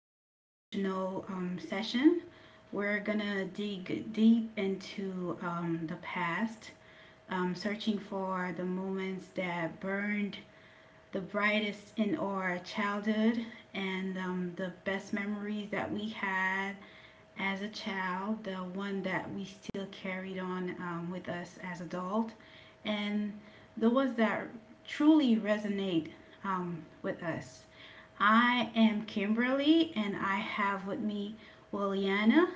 unemotional session. We're gonna dig deep into the past, searching for the moments that burned the brightest in our childhood and the best memories that we had as a child, the one that we still carried on with us as adult, and the ones that truly resonate with us. I am Kimberly, and I have with me Williana.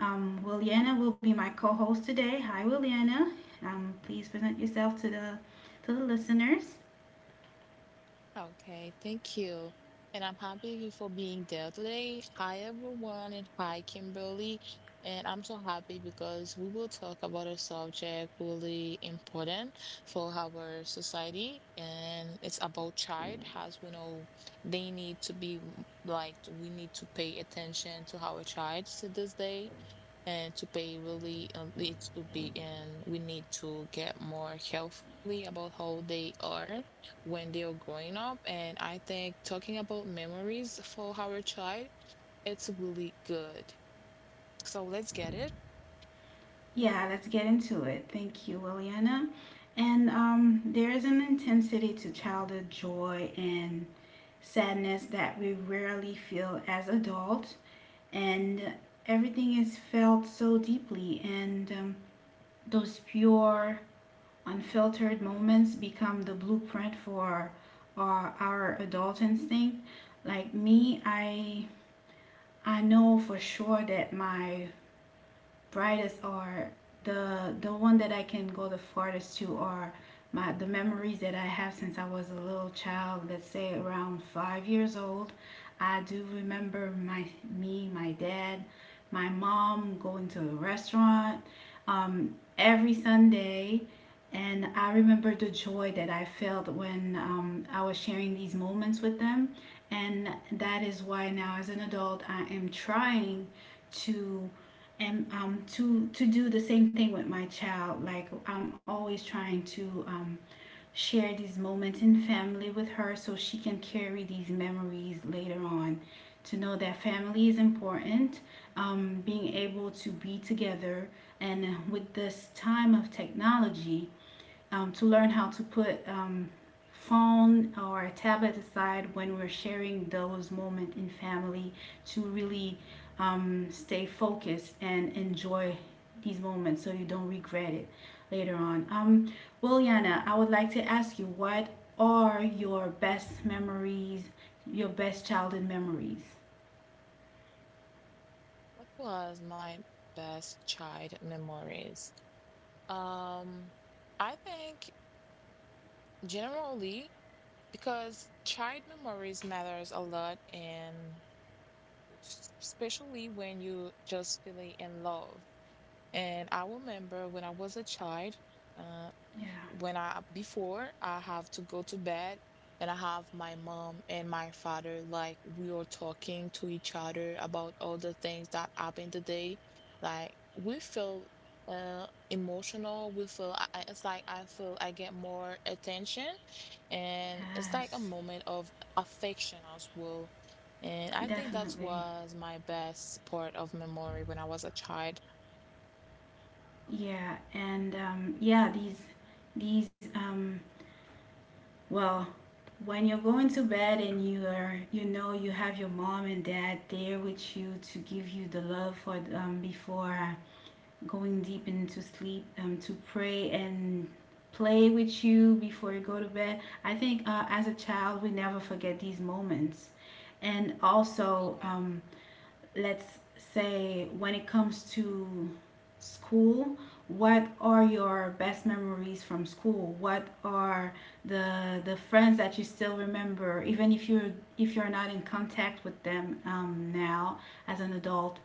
Williana will be my co-host today. Hi, Williana. Please present yourself to the listeners. Okay, thank you. And I'm happy for being there today. Hi, everyone, and hi, Kimberly. And I'm so happy because we will talk about a subject really important for our society, and it's about child. As we know, they need to be like we need to pay attention to our child to this day and to pay really, needs to be and we need to get more carefully about how they are when they are growing up. And I think talking about memories for our child, it's really good. So let's get it. Yeah, let's get into it. Thank you, Liliana. And there is an intensity to childhood joy and sadness that we rarely feel as adults, and everything is felt so deeply. And those pure, unfiltered moments become the blueprint for our adult instinct. Like me, I know for sure that my brightest are the one that I can go the farthest to are my the memories that I have since I was a little child, let's say around 5 years old. I do remember my me, my dad, my mom going to a restaurant every Sunday. And I remember the joy that I felt when I was sharing these moments with them. And that is why now, as an adult, I am trying to and to to do the same thing with my child. Like, I'm always trying to share these moments in family with her so she can carry these memories later on, to know that family is important, being able to be together, and with this time of technology, to learn how to put phone or a tablet aside when we're sharing those moments in family, to really stay focused and enjoy these moments so you don't regret it later on. Well, Yana, I would like to ask you, what are your best memories, your best childhood memories? What was my best child memories? um I think, generally, because child memories matters a lot. And especially when you just feeling in love. And I remember when I was a child, uh, Yeah. when I before I have to go to bed, and I have my mom and my father, like we are talking to each other about all the things that happened today. Like we feel uh emotional. We feel, it's like I feel I get more attention, and it's like a Yes. moment of affection as well. And I think that Definitely. was my best part of memory when I was a child. Yeah, and yeah, these well, when you're going to bed and you are, you know, you have your mom and dad there with you to give you the love for, before going deep into sleep, to pray and play with you before you go to bed. I think, as a child, we never forget these moments. And also, Yeah. Let's say, when it comes to school, what are your best memories from school? What are the friends that you still remember, even if you're, not in contact with them now as an adult?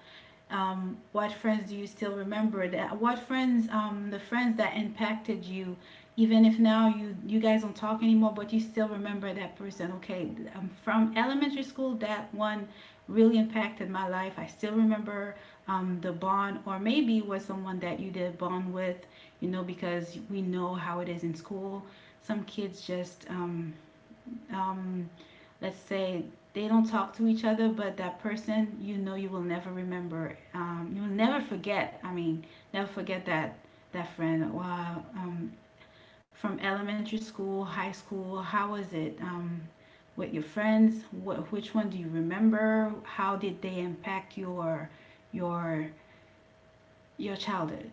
What friends do you still remember? That what friends The friends that impacted you, even if now you guys don't talk anymore, but you still remember that person. Okay, from elementary school, that one really impacted my life. I still remember, the bond, or maybe it was someone that you did bond with, you know, because we know how it is in school. Some kids just, um, let's say, they don't talk to each other, but that person, you know, you will never remember. You will never forget. I mean, never forget that friend. Wow. From elementary school, high school, how was it? With your friends, which one do you remember? How did they impact your your childhood?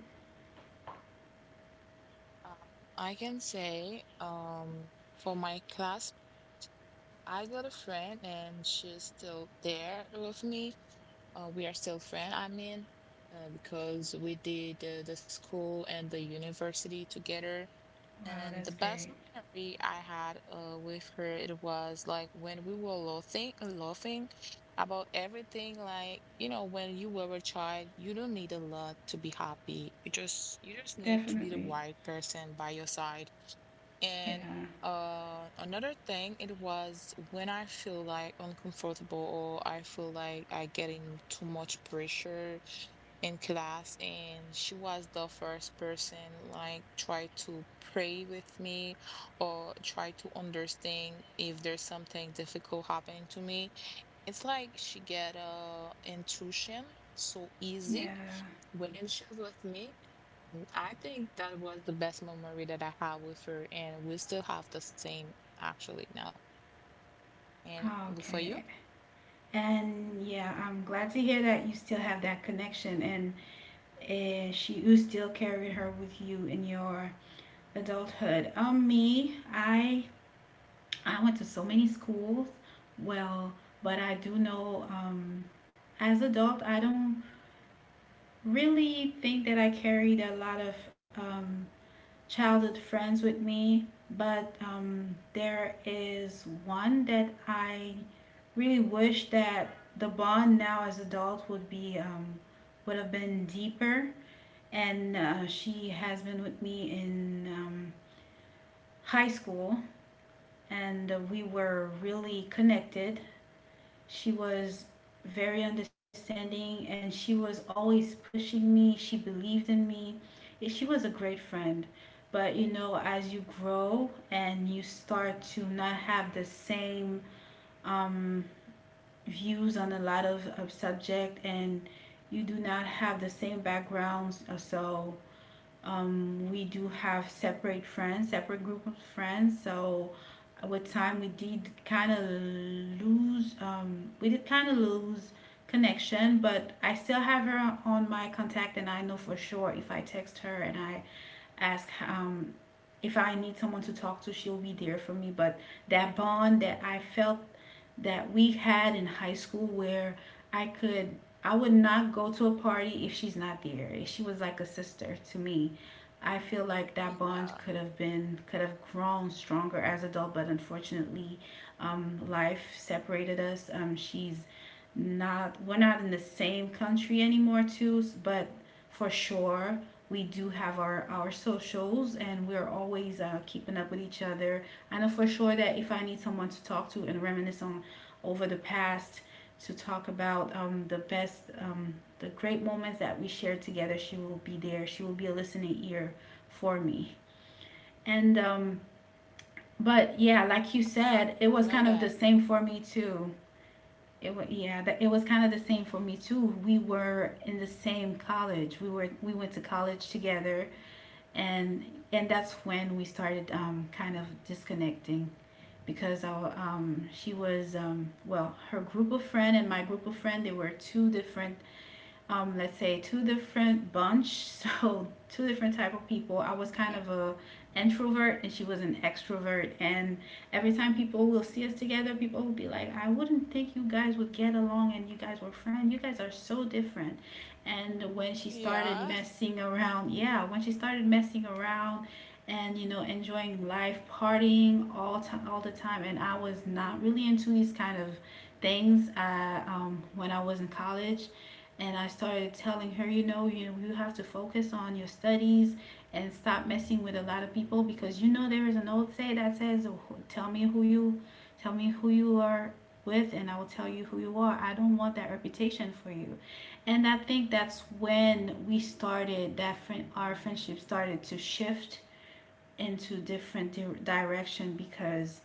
Um, I can say, for my class, I got a friend and she's still there with me. We are still friends, I mean, because we did the school and the university together. Wow, And that's the great. best memory I had with her, it was like when we were laughing, laughing about everything. Like, you know, when you were a child, you don't need a lot to be happy. You just need to be the Definitely. right person by your side. And Yeah. Another thing, it was when I feel like uncomfortable or I feel like I getting too much pressure in class, and she was the first person like try to pray with me or try to understand if there's something difficult happening to me. It's like she get intuition so easy Yeah. when she's with me. Mm, I think that was the best memory that I have with her, and we still have the same actually now. And Oh, for you? okay. And yeah, I'm glad to hear that you still have that connection and, she you still carry her with you in your adulthood. Me, I went to so many schools. Well, but I do know, as adult, I don't really think that I carried a lot of childhood friends with me, but there is one that I really wish that the bond now as adult would have been deeper. And she has been with me in, high school, and we were Oh, really connected. She was very understanding and she was always pushing me. She believed in me. She was a great friend. But you know, as you grow and you start to not have the same, um, views on a lot of subject, and you do not have the same backgrounds, so, we do have separate friends, separate group of friends. So with time, we did kind of lose connection, but I still have her on my contact, and I know for sure if I text her and I ask, if I need someone to talk to, she'll be there for me. But that bond that I felt that we had in high school, where I could I would not go to a party if she's not there. She was like a sister to me. I feel like that bond yeah, could have grown stronger as an adult, but unfortunately, life separated us. She's not We're not in the same country anymore too, but for sure we do have our socials, and we're always, keeping up with each other. I know for sure that if I need someone to talk to and reminisce on, over the past, to talk about, the great moments that we shared together, she will be there. She will be a listening ear for me. And but yeah, like you said, it I was kind didn't of know the same that. for me too. It was, yeah, that it was kind of the same for me too. We were in the same college. We went to college together, and that's when we started, kind of disconnecting, because our she was well, her group of friend and my group of friend, they were two different, let's say, two different bunch so two different type of people. I was kind of Okay. a introvert and she was an extrovert. And every time people will see us together, people will be like, I wouldn't think you guys would get along, and you guys were friends. You guys are so different. And when she started Yeah, messing around, yeah. When she started messing around and, you know, enjoying life, partying all the time, and I was not really into these kind of things. When I was in college, and I started telling her, you know, you have to focus on your studies and stop messing with a lot of people, because you know, there is an old say that says, "Tell me tell me who you are with, and I will tell you who you are." I don't want that reputation for you, and I think that's when we started our friendship started to shift into different direction. Because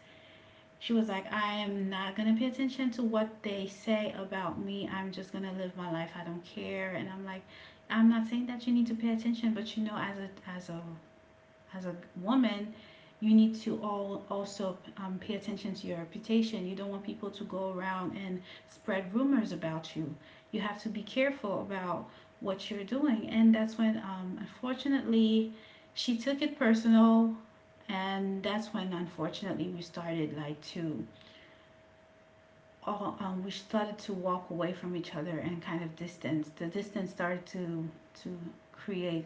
she was like, I am not going to pay attention to what they say about me. I'm just going to live my life. I don't care. And I'm like, I'm not saying that you need to pay attention, but you know, as a, as a woman, you need to all also, pay attention to your reputation. You don't want people to go around and spread rumors about you. You have to be careful about what you're doing. And that's when, unfortunately, she took it personal. And that's when, unfortunately, we started to walk away from each other and kind of distance. The distance started to create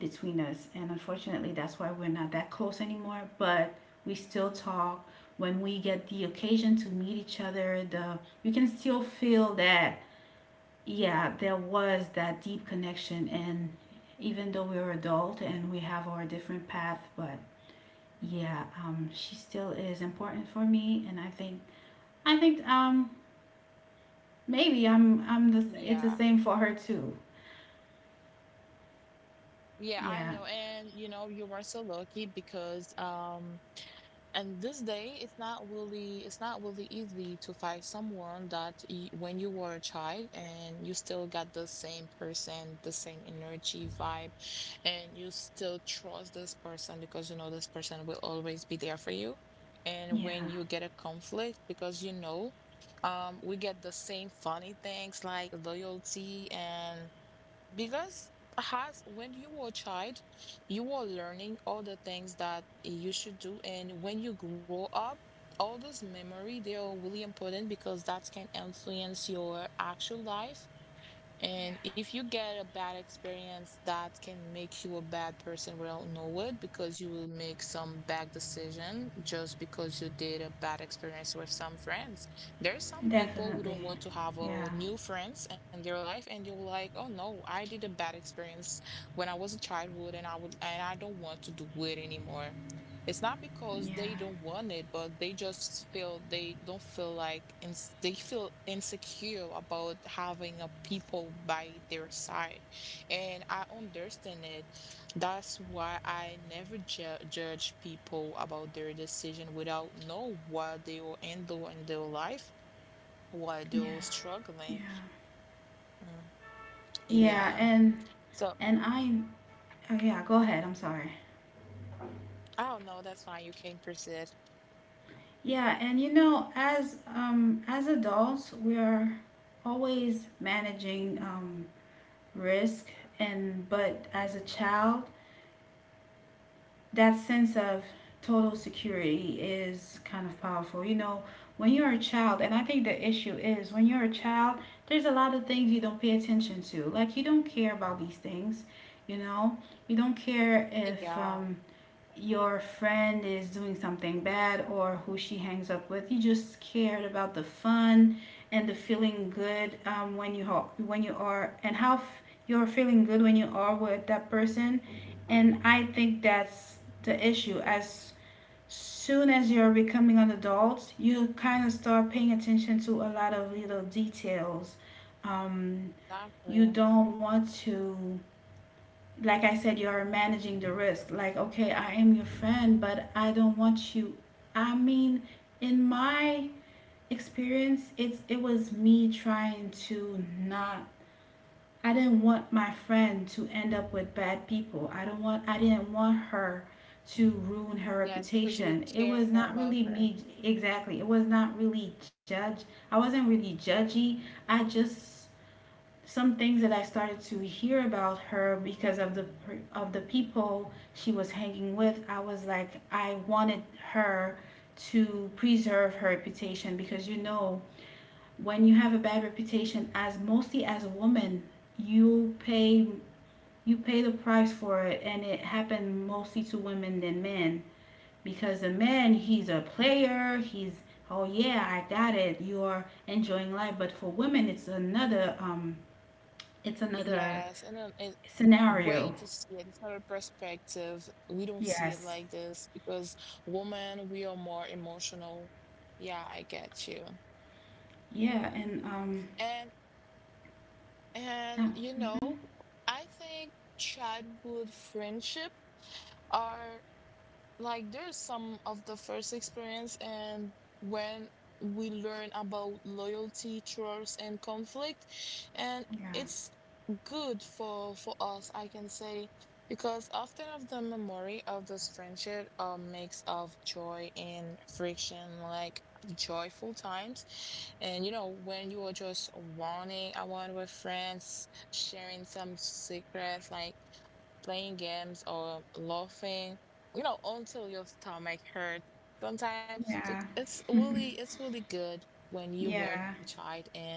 between us, and unfortunately, that's why we're not that close anymore. But we still talk when we get the occasion to meet each other. The You can still feel that yeah, there was that deep connection, and even though we are adult and we have our different path, but yeah, she still is important for me, and I think, I think um maybe I'm the it's the yeah, same for her too. yeah. I Yeah. know, and you were so lucky because, and this day, it's not really easy to find someone that y when you were a child and you still got the same person, the same energy vibe, and you still trust this person because you know this person will always be there for you. And when Yeah. you get a conflict because you know, we get the same funny things like loyalty. And because has, when you were a child, you were learning all the things that you should do. And when you grow up, all those memory, they are really important because that can influence your actual life. Yeah. And if you get a bad experience, that can make you a bad person without know it, because you will make some bad decision just because you did a bad experience with some friends. There are some people who don't Definitely. want to have Yeah. a new friends in their life, and you're like, "Oh no, I did a bad experience when I was a childhood, and I would and I don't want to do it anymore." It's not Yeah. because they don't want it, but they just feel they don't feel like ins they feel insecure about having a people by their side. And I understand it. That's why I never ju judge people about their decision without know what they will handle in their life, what they're Yeah. struggling. Yeah. Mm, Yeah, yeah. and So and I oh yeah, go ahead. I'm sorry. I don't know. That's fine. You can proceed. Yeah, and you know, as adults, we are always managing risk, and but as a child, that sense of total security is kind of powerful. You know, when you're a child, and I think the issue is when you're a child, there's a lot of things you don't pay attention to. Like, you don't care about these things, you know? You don't care if, Yeah, your friend is doing something bad or who she hangs up with. You just cared about the fun and the feeling good, when you when you are, you're feeling good when you are with that person. And I think that's the issue. As soon as you're becoming an adult, you kind of start paying attention to a lot of little details. Um, you exactly. don't want to Like I said, you are managing the risk. Like, okay, I am your friend, but I don't want you. I mean, in my experience, it was me trying to not. I didn't want my friend to end up with bad people. I don't want. I didn't want her to ruin her Yes, because you reputation. It care was not about really her. me exactly. It was not really judge. I wasn't really judgy. I just some things that I started to hear about her because of the people she was hanging with, I was like I wanted her to preserve her reputation because you know when you have a bad reputation as mostly as a woman, you pay you pay the price for it, and it happened mostly to women than men because a man, he's Mm-hmm. a player, he's oh yeah, I got it. You're enjoying life, but for women it's another Yes, and then it way scenario. to see it. It's not a perspective. We don't see it Yes. like this because women, we are more emotional. Yeah, I get you. Yeah, and And and yeah. you hmm know, I think childhood friendship are like there's some of the first experience. And when we learn about loyalty, trust, and conflict, and Yeah. it's good for us, I can say. Because often of the memory of this friendship, a mix of joy and friction, like joyful times. And when you were just running around with friends sharing some secrets, like playing games or laughing, until your stomach hurt. Sometimes it- Yeah. it's really it's really good when you were a Yeah. child. And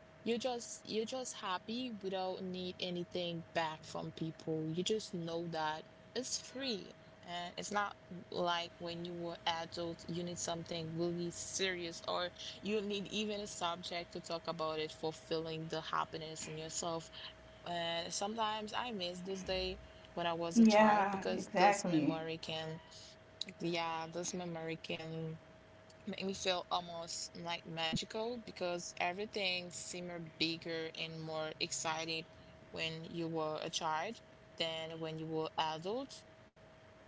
you're just happy without need anything back from people. You just know that it's free. And it's not like when you were adult, you need something really serious, or you need even a subject to talk about it fulfilling the happiness in yourself. And sometimes I miss those days when I was a child, Yeah, because this exactly. memory can, yeah, this memory can make me feel almost like magical, because everything seemed bigger and more exciting when you were a child than when you were adult.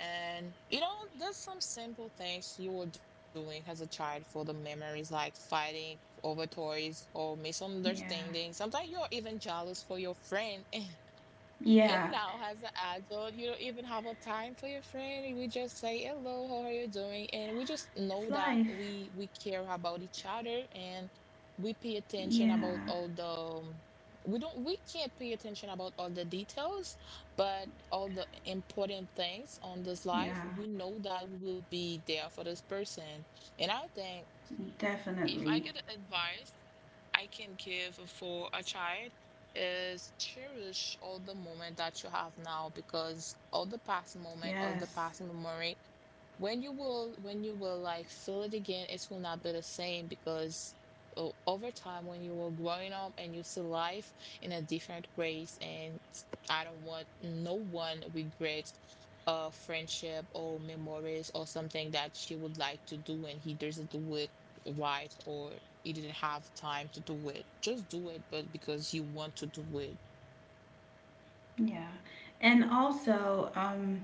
And there's some simple things you were doing as a child for the memories, like fighting over toys or Yeah. misunderstanding. Sometimes you're even jealous for your friend. And Yeah. now, as an adult, you don't even have a time for your friend. We just say hello, how are you doing? And we just know It's that life. we care about each other. And we pay attention about Yeah. all the, um, we can't pay attention about all the details, but all the important things on this life, Yeah. we know that we will be there for this person. And I think, Definitely. if I get advice I can give for a child, is cherish all the moment that you have now. Because all the past moment, all the Yes. past memory, when you will like feel it again, it will not be the same, because over time when you were growing up, and you see life in a different ways. And I don't want no one regrets a friendship or memories or something that she would like to do and he doesn't do it right, or you didn't have time to do it. Just do it, but because you want to do it. Yeah. And also,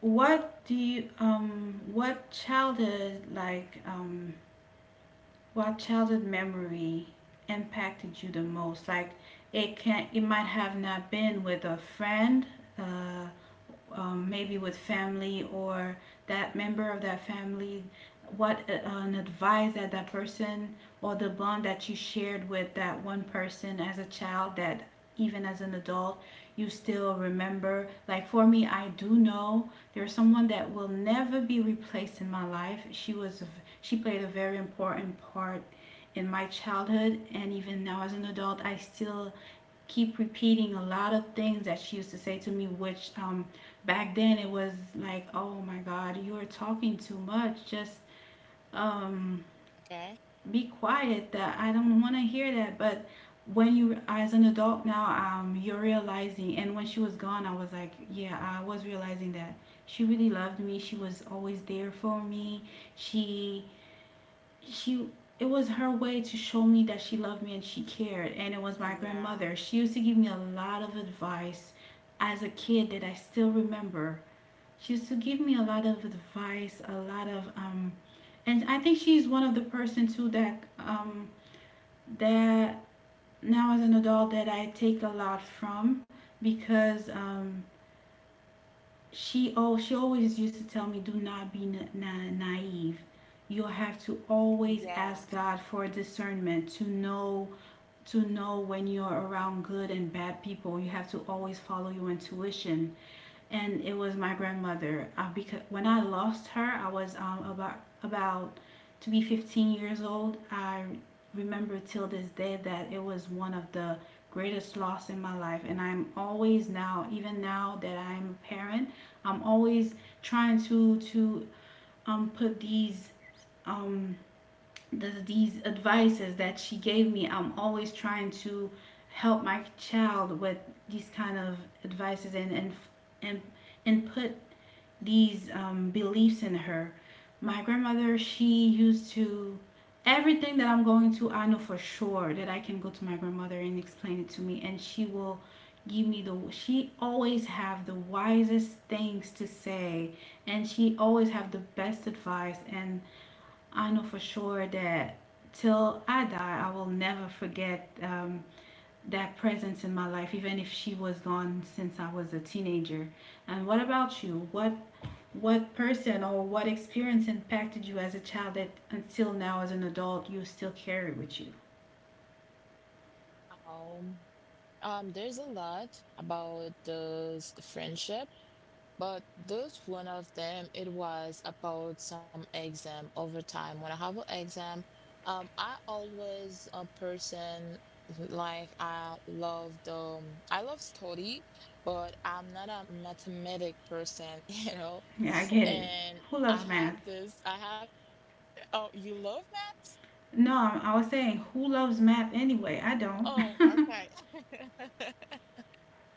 what do you um what childhood like um what childhood memory impacted you the most? Like, it can, it might have not been with a friend, uh, maybe with family or that member of that family, what an advice that that person or the bond that you shared with that one person as a child that, even as an adult, you still remember. Like for me, I do know there's someone that will never be replaced in my life. She was, she played a very important part in my childhood, and even now as an adult, I still keep repeating a lot of things that she used to say to me, which back then it was like, oh my god, you are talking too much. Just um Okay? be quiet, that I don't want to hear that. But when you, as an adult now, you're realizing, and when she was gone, I was like, yeah, I was realizing that she really loved me, she was always there for me, she she, it was her way to show me that she loved me and she cared. And it was my Yeah. grandmother. She used to give me a lot of advice as a kid that I still remember. She used to give me a lot of advice, a lot of and I think she's one of the person too that that now as an adult that I take a lot from, because she oh she always used to tell me, do not be naive. You'll have to always ask Yes. god for discernment to know, to know when you're around good and bad people. You have to always follow your intuition. And it was my grandmother. Because when I lost her, I was about to be 15 years old. I remember till this day that it was one of the greatest loss in my life. And I'm always now, even now that I'm a parent, I'm always trying to put these um these advices that she gave me. I'm always trying to help my child with these kind of advices and, and put these beliefs in her. My grandmother, she used to, everything that I'm going to, I know for sure that I can go to my grandmother and explain it to me and she will give me the, she always have the wisest things to say and she always have the best advice. And I know for sure that till I die, I will never forget that presence in my life, even if she was gone since I was a teenager. And what about you? What person or what experience impacted you as a child that until now as an adult you still carry with you? Um, there's a lot about those friendship. But this one of them, it was about some exam over time. When I have an exam, I always a person like, I love study, but I'm not a mathematic person, you know. Yeah, I get it. And Who loves I math? have this, I have oh, you love math? No, I was saying, who loves math anyway? I don't. Oh, okay.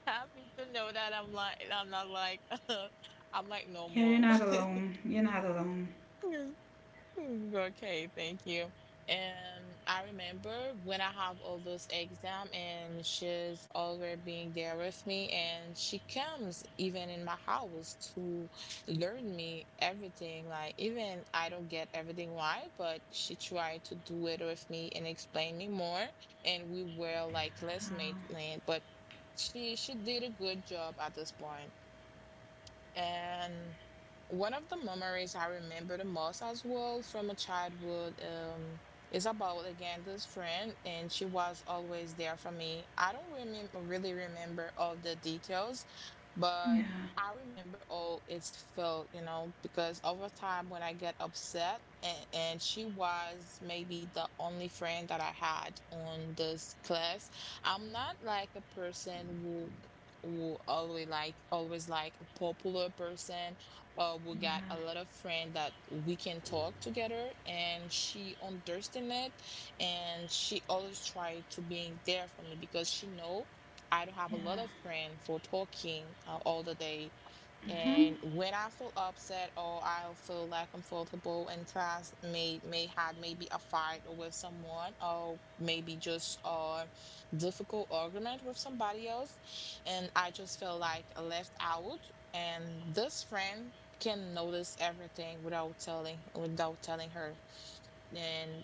Happy to know that I'm not like I'm like Yeah, you're normal. not alone. You're not alone. Mm, okay, thank you. And I remember when I have all those exam, and she's already being there with me, and she comes even in my house to learn me everything. Like even I don't get everything right, but she tried to do it with me and explain me more, and we were like Wow. classmates, man. But she did a good job at this point. And one of the memories I remember the most as well from a childhood, is about again this friend, and she was always there for me. I don't remember really remember all the details, but Yeah. I remember all it's felt, because over time when I get upset, and she was maybe the only friend that I had on this class. I'm not like a person who always like a popular person. We got Yeah. a lot of friend that we can talk together, and she understand it. And she always try to being there for me, because she know I don't have a lot Yeah. of friend for talking, all the day. Mhm. And when I feel upset or I feel like uncomfortable in class, maybe a fight with someone, or maybe just a difficult argument with somebody else, and I just feel like left out. And this friend can notice everything without telling her. And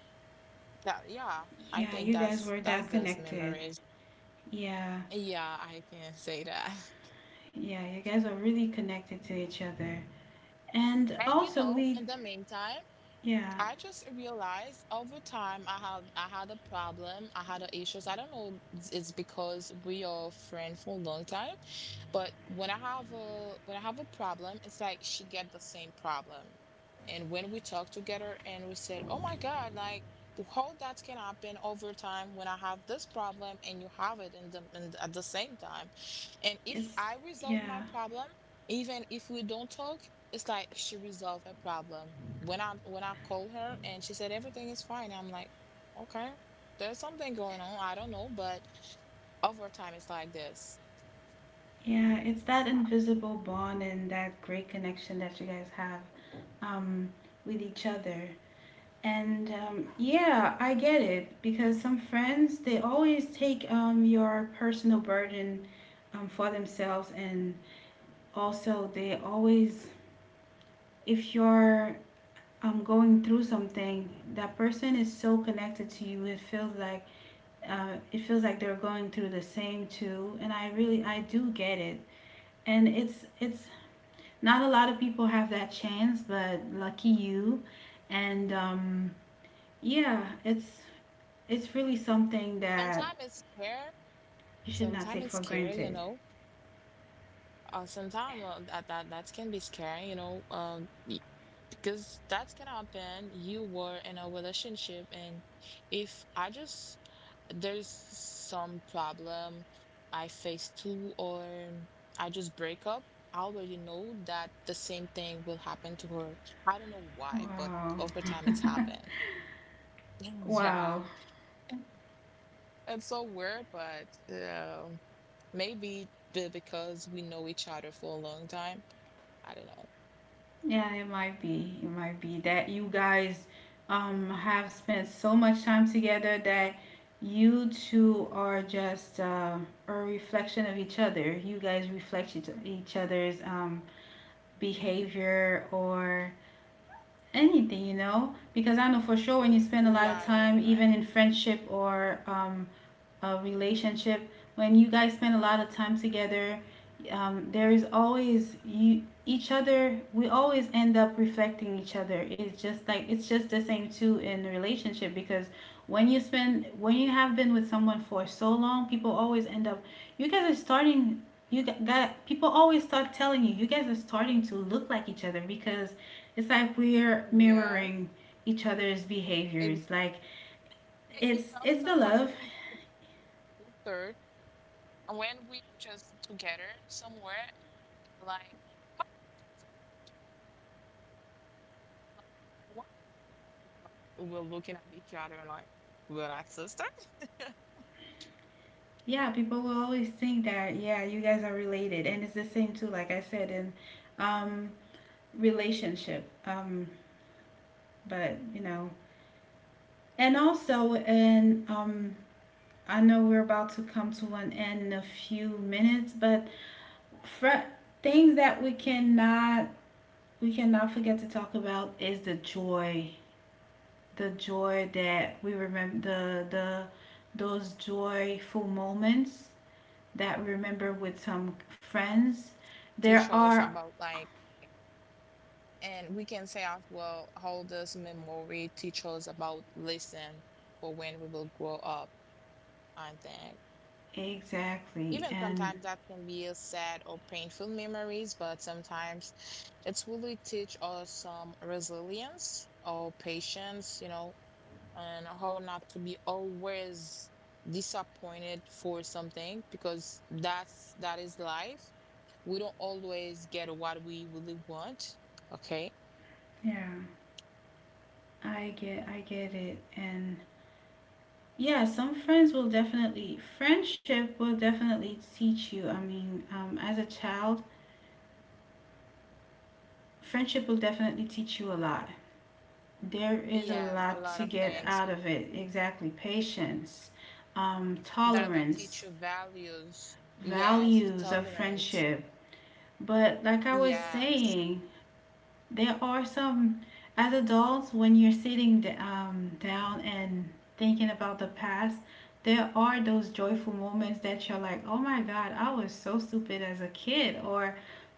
that, yeah, I Yeah, think you guys that's were that's that those connected. memories. Yeah, Yeah, I can say that. yeah, you guys are really connected to each other. And And also, we, in the meantime, yeah, I just realized over time I had a problem. I had a issues. I don't know. It's because we are friends for a long time, but when I have a problem, it's like she get the same problem. And when we talk together and we said, "Oh my God, like how that can happen over time when I have this problem and you have it in the, at the same time." And if it's, I resolve my yeah, problem, even if we don't talk, it's like she resolved her problem. When I called her and she said everything is fine, I'm like, okay, there's something going on. I don't know, but over time it's like this. yeah, it's that invisible bond and that great connection that you guys have um, with each other. And yeah, I get it because some friends, they always take your personal burden for themselves. And also they always, if you're going through something, that person is so connected to you. It feels like they're going through the same too. And I do get it. And it's not a lot of people have that chance, but lucky you. And yeah, it's really something that Sometimes it's scare, you should not sometimes take it's for scary, you granted. know. Sometimes that can be scary, you know. Because that's gonna happen. You were in a relationship, and if I just there's some problem I face too, or I just break up, I already know that the same thing will happen to her. I don't know why, but Wow. over time it's happened. Yeah, Wow. it's so weird, but yeah. Maybe because we know each other for a long time. I don't know. Yeah, it might be. It might be that you guys have spent so much time together that you two are just a reflection of each other. You guys reflect each other's behavior or anything, you know? Because I know for sure when you spend a lot of Yeah, you're time, right. even in friendship or a relationship, when you guys spend a lot of time together, there is always you each other. We always end up reflecting each other. It's just like, it's just the same too in the relationship. Because when you spend, when you have been with someone for so long, people always end up, you guys are starting, you got people always start telling you you guys are starting to look like each other, because it's like we're Yeah. mirroring each other's Ex- behaviors. Like, You it's know, it's the sometimes love. people do third, and when we just together somewhere, and they're like, oh, like, we're looking at each other and like, we're like sister. Yeah, people will always think that, yeah, you guys are related. And it's the same too, like I said, in um, relationship. But, you know, and also, in I know we're about to come to an end in a few minutes, but fr- things that we cannot, we cannot forget to talk about is the joy that we remember, the those joyful moments that we remember with some friends. There Teach us are about like, and we can say as well, how does memory teach us about lesson for when we will grow up? I think exactly, even and sometimes that can be a sad or painful memories, but sometimes it's really teach us some resilience or patience, you know, and how not to be always disappointed for something because that is life we don't always get what we really want. Okay. yeah, I get it. And yeah, some friends will definitely, friendship will definitely teach you. As a child, friendship will definitely teach you a lot. There is a Yes, a lot lot to of get things out of it. Exactly, patience, that teach tolerance, you values. Yes, values of tolerance. friendship. But like I was Yes. saying, there are some, as adults, when you're sitting down and thinking about the past, there are those joyful moments that you're like, oh my god, I was so stupid as a kid, or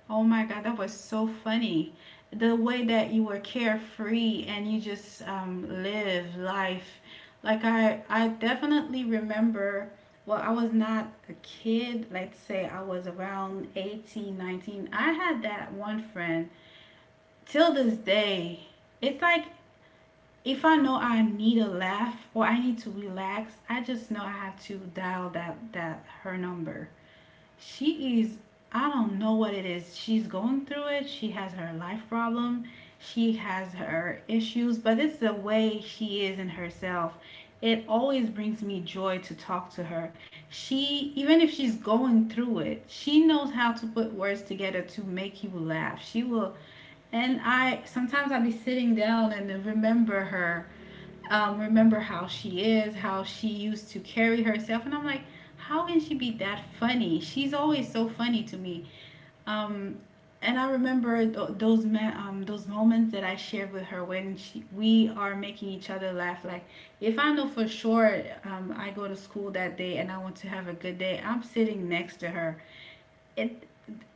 oh my god, that was so funny, the way that you were carefree and you just live life. Like I definitely remember, well I was not a kid, let's say I was around 18, 19. I had that one friend till this day. It's like, if I know I need a laugh or I need to relax, I just know I have to dial that her number. She is, I don't know what it is. She's going through it. She has her life problem. She has her issues. But it's the way she is in herself. It always brings me joy to talk to her. She, even if she's going through it, she knows how to put words together to make you laugh. She will, and I sometimes I'll be sitting down and remember her, remember how she is, how she used to carry herself. And I'm like, how can she be that funny? She's always so funny to me. Um, and I remember those moments that I shared with her when she, we are making each other laugh. Like if I know for sure I go to school that day and I want to have a good day, I'm sitting next to her. It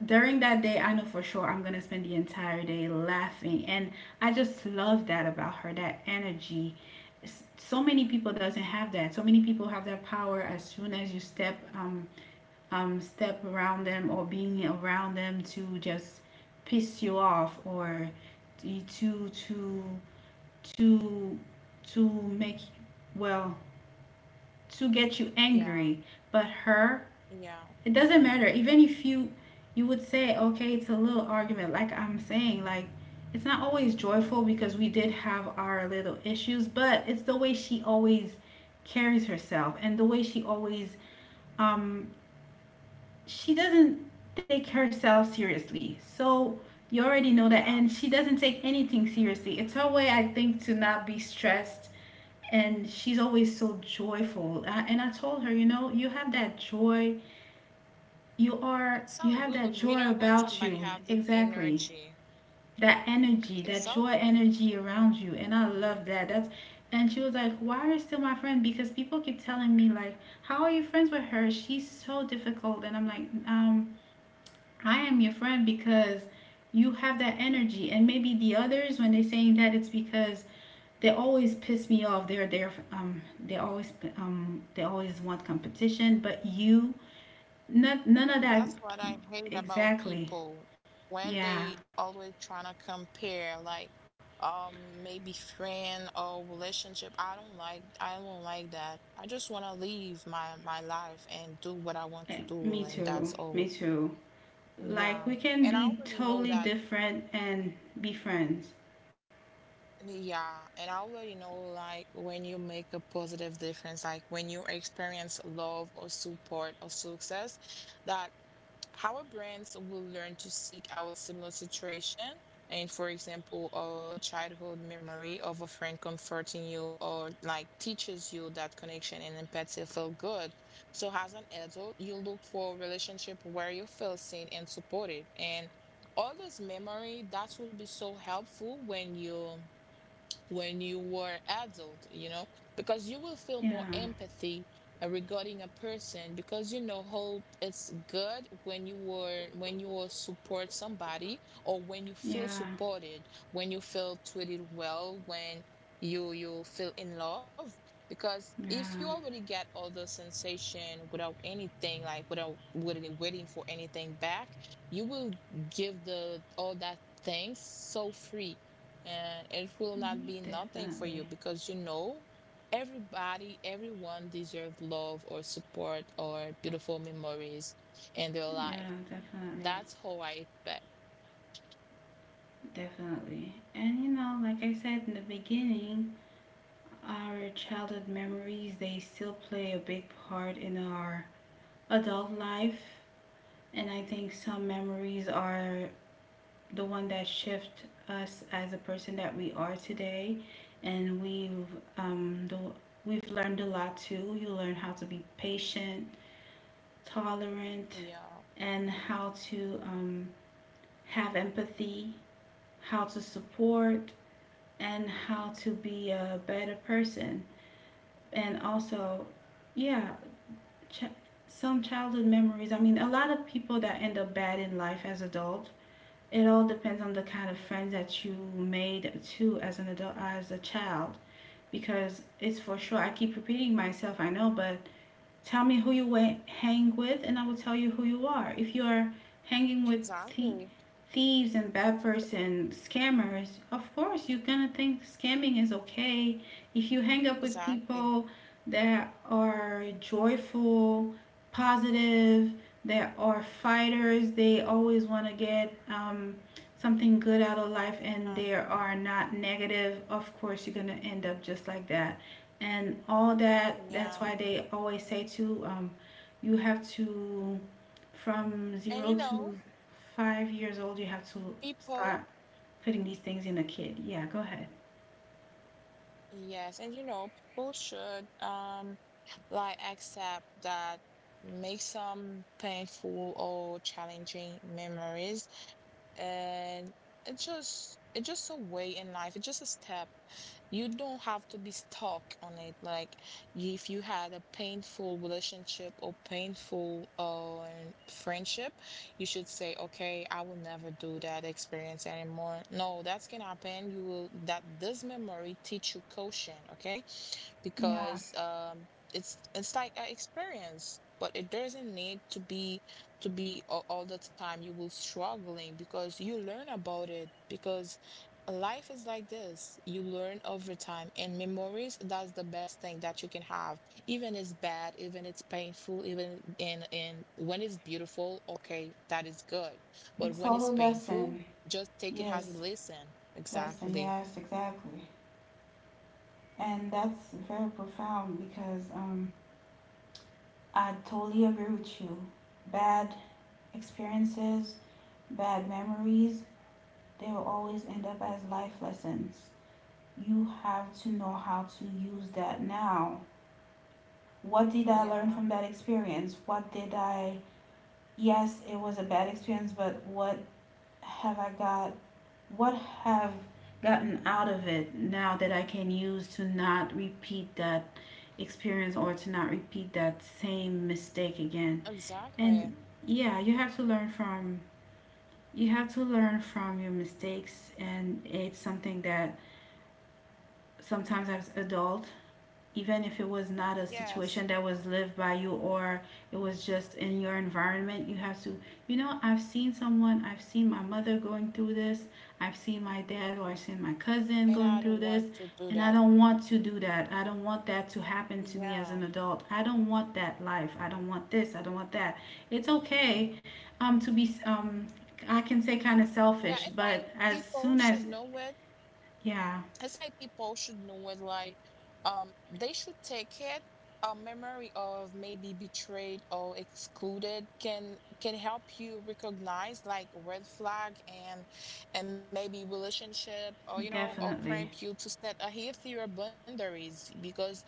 During that day I know for sure I'm gonna spend the entire day laughing. And I just love that about her, that energy. So many people doesn't have that. So many people have that power as soon as you step step around them or being around them to just piss you off, or to to to to make well to get you Yeah. angry. But her, Yeah. it doesn't matter, even if you, you would say okay, it's a little argument, like I'm saying, like it's not always joyful because we did have our little issues, but it's the way she always carries herself and the way she always, um she doesn't take herself seriously, so you already know that. Yeah. And she doesn't take anything seriously. It's her way, I think, to not be stressed. And she's always so joyful. And I told her, you know, you have that joy, It's so you have good. that You joy know, when about somebody you. have this Exactly. energy, That it's energy, so that joy good. energy around you. And I love that. That's, and she was like, why are you still my friend? Because people keep telling me like, how are you friends with her? She's so difficult, and I'm like, I am your friend because you have that energy, and maybe the others when they're saying that, it's because they always piss me off. They always want competition, but you none of that. That's what I hate about Exactly. people when Yeah. they always trying to compare like maybe friend or relationship. I don't like, I don't like that. I just want to live my life and do what I want to Me do and too. that's Me all. too. Like Yeah. we can And I be already know totally that different and be friends. yeah, and I already know like when you make a positive difference, like when you experience love or support or success, that how our brands will learn to seek out similar situation, and for example a childhood memory of a friend comforting you or like teaches you that connection and empathy feel good, so as an adult you look for a relationship where you feel seen and supported, and all this memory that will be so helpful when you were adult, you know, because you will feel more Yeah. empathy regarding a person because you know how it's good when you were when you will support somebody or when you feel Yeah. supported, when you feel treated well, when you feel in love, because if you Yeah. already get all the sensation without anything like without waiting for anything back, you will give the all that things so free, and it will not be nothing for Definitely. you because you know everybody, everyone deserves love or support or beautiful memories in their life. Yeah, definitely. That's how I expect. Definitely. And like I said in the beginning, our childhood memories, they still play a big part in our adult life. And I think some memories are the one that shift us as a person that we are today, and um, the, we've learned a lot too. You learn how to be patient, tolerant, Yeah, and how to have empathy, how to support, and how to be a better person. And also, yeah, ch- some childhood memories. I mean, a lot of people that end up bad in life as adults, it all depends on the kind of friends yeah, that you made too as an adult, as a child, because it's for sure. I keep repeating myself, I know, but tell me who you went hang with, and I will tell you who you are. If you are hanging with the exactly, thieves and bad person scammers, of course you're gonna think scamming is okay. If you hang up with exactly. people that are joyful, positive, that are fighters, they always want to get something good out of life, and Yeah, they are not negative, of course you're gonna end up just like that and all that. That's yeah. why they always say to you have to, from zero And you to know, five years old, you have to people, start putting these things in a kid. Yeah, go ahead. Yes, and you know, people should like accept that make some painful or challenging memories, and it's just a way in life, it's just a step. You don't have to be stuck on it like, if you had a painful relationship or painful friendship, you should say okay, I will never do that experience anymore. No, that's gonna happen. You will that this memory teach you caution, okay, Yeah, because it's like an experience but it doesn't need to be all the time you will struggling because you learn about it, because life is like this, you learn over time, and memories that's the best thing that you can have, even it's bad, even it's painful, even in when it's beautiful, okay, that is good. But it's when all it's a painful, lesson. just take it as a Yes, lesson, lesson. exactly. Yes, exactly. And that's very profound because I totally agree with you. Bad experiences, bad memories, they will always end up as life lessons. You have to know how to use that now. What did I learn Yeah, from that experience? Yes, it was a bad experience, but what have I got? What have gotten out of it now that I can use to not repeat that experience or to not repeat that same mistake again? exactly. And yeah, you have to learn from your mistakes. And it's something that sometimes as adults, even if it was not a Yes, situation that was lived by you, or it was just in your environment, you have to you know, I've seen someone, I've seen my mother going through this, I've seen my dad, or I've seen my cousin and I going don't through this. want to do And I that. don't want to do that. I don't want that to happen to me as Yeah, an adult. I don't want that life. I don't want this. I don't want that. It's okay to be, I can say, kind of yeah, selfish, it's like but as people soon as. should know it. Yeah, It's like people should know it, like they should take it, a memory of maybe betrayed or excluded can help you recognize like red flag, and maybe relationship, or you know, or definitely. prompt you to set a healthier boundaries, because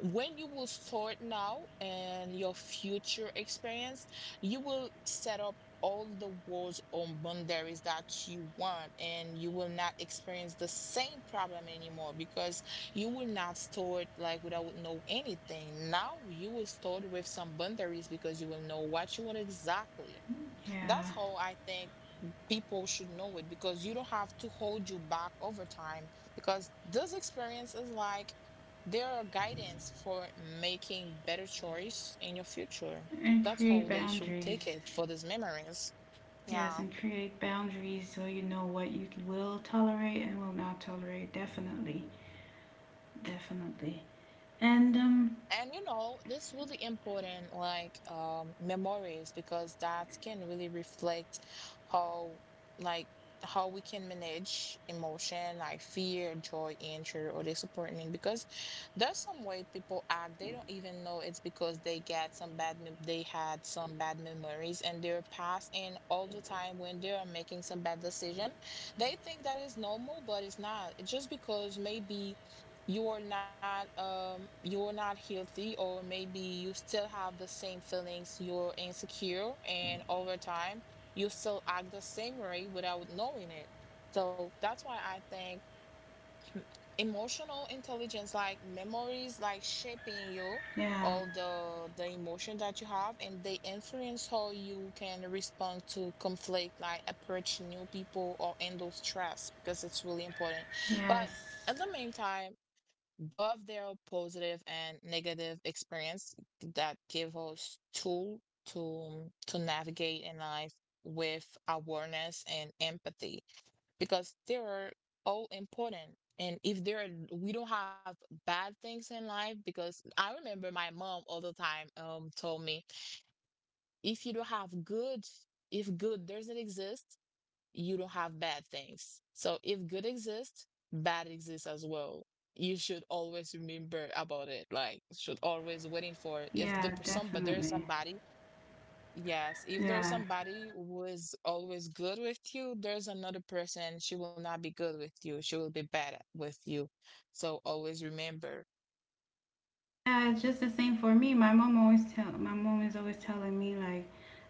when you will start now and your future experience, you will set up all the wars or boundaries that you want, and you will not experience the same problem anymore because you will not store it like without know anything now, you will store it with some boundaries because you will know what you want, exactly. That's Yeah. how I think people should know it, because you don't have to hold you back over time, because this experience is like there are guidance for making better choice in your future. And That's how create they should take boundaries. it, for these memories. Yes, Yeah. and create boundaries so you know what you will tolerate and will not tolerate. Definitely. Definitely. And, And you know, this really important like memories, because that can really reflect how, like, how we can manage emotion like fear, joy, injury, or disappointment. Because there's some way people act, they don't even know it's because they get some bad mem they had some bad memories in their past, and all the time when they are making some bad decision, they think that is normal, but it's not. It's just because maybe you're not healthy, or maybe you still have the same feelings, you're insecure, and over time you still act the same way without knowing it. So that's why I think emotional intelligence like memories like shaping you, yeah. all the emotion that you have, and they influence how you can respond to conflict like approach new people or handle stress, because it's really important. But Yes. at the meantime, both their positive and negative experience that give us tool to to navigate in life with awareness and empathy, because they are all important. And if there are, we don't have bad things in life, because I remember my mom all the time told me, if you don't have good, if good doesn't exist, you don't have bad things. So if good exists, bad exists as well. You should always remember about it. Like should always waiting for it. If the Yeah, person, but there is definitely. somebody. Yes, if there's Yeah. somebody who is always good with you, there's another person. She will not be good with you. She will be bad with you. So always remember. Yeah, it's just the same for me. My mom is always telling me like,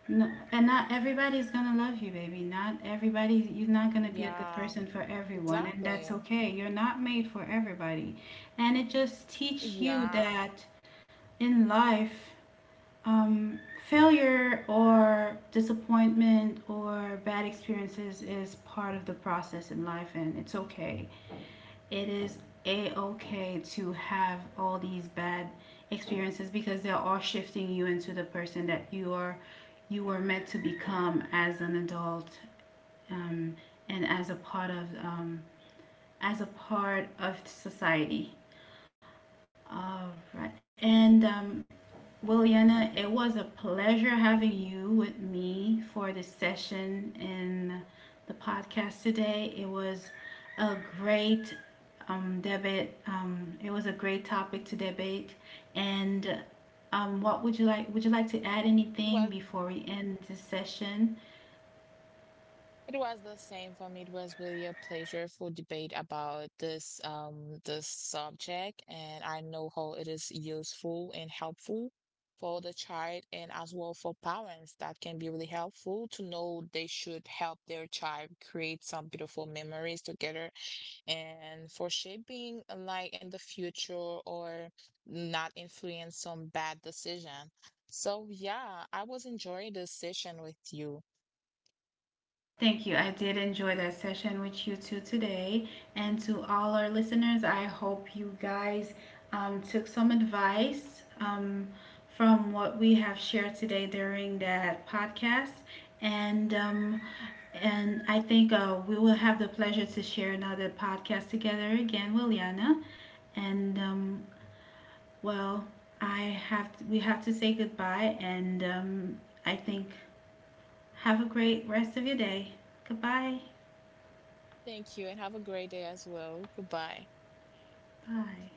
no, and not everybody's gonna love you, baby. Not everybody, you're not gonna be a good Yeah, person for everyone, and exactly. that's okay. You're not made for everybody. And it just teach you Yeah, that in life, um, failure or disappointment or bad experiences is part of the process in life, and it's okay. It is a okay to have all these bad experiences because they're all shifting you into the person that you were meant to become as an adult. um, and as a part of, as a part of society. All right. And well, Yana, it was a pleasure having you with me for this session in the podcast today. It was a great debate. It was a great topic to debate. And what would you like? Would you like to add it anything was, before we end this session? it was the same for me. It was really a pleasureful debate about this this subject, and I know how it is useful and helpful for the child and as well for parents. That can be really helpful to know they should help their child create some beautiful memories together and for shaping a life in the future or not influence some bad decision. So yeah, I was enjoying this session with you. Thank you. I did enjoy that session with you two today. And to all our listeners, I hope you guys took some advice from what we have shared today during that podcast. And um, and I think we will have the pleasure to share another podcast together again, Williana. And well, we have to say goodbye. And I think have a great rest of your day. Goodbye. Thank you and have a great day as well. Goodbye. Hi.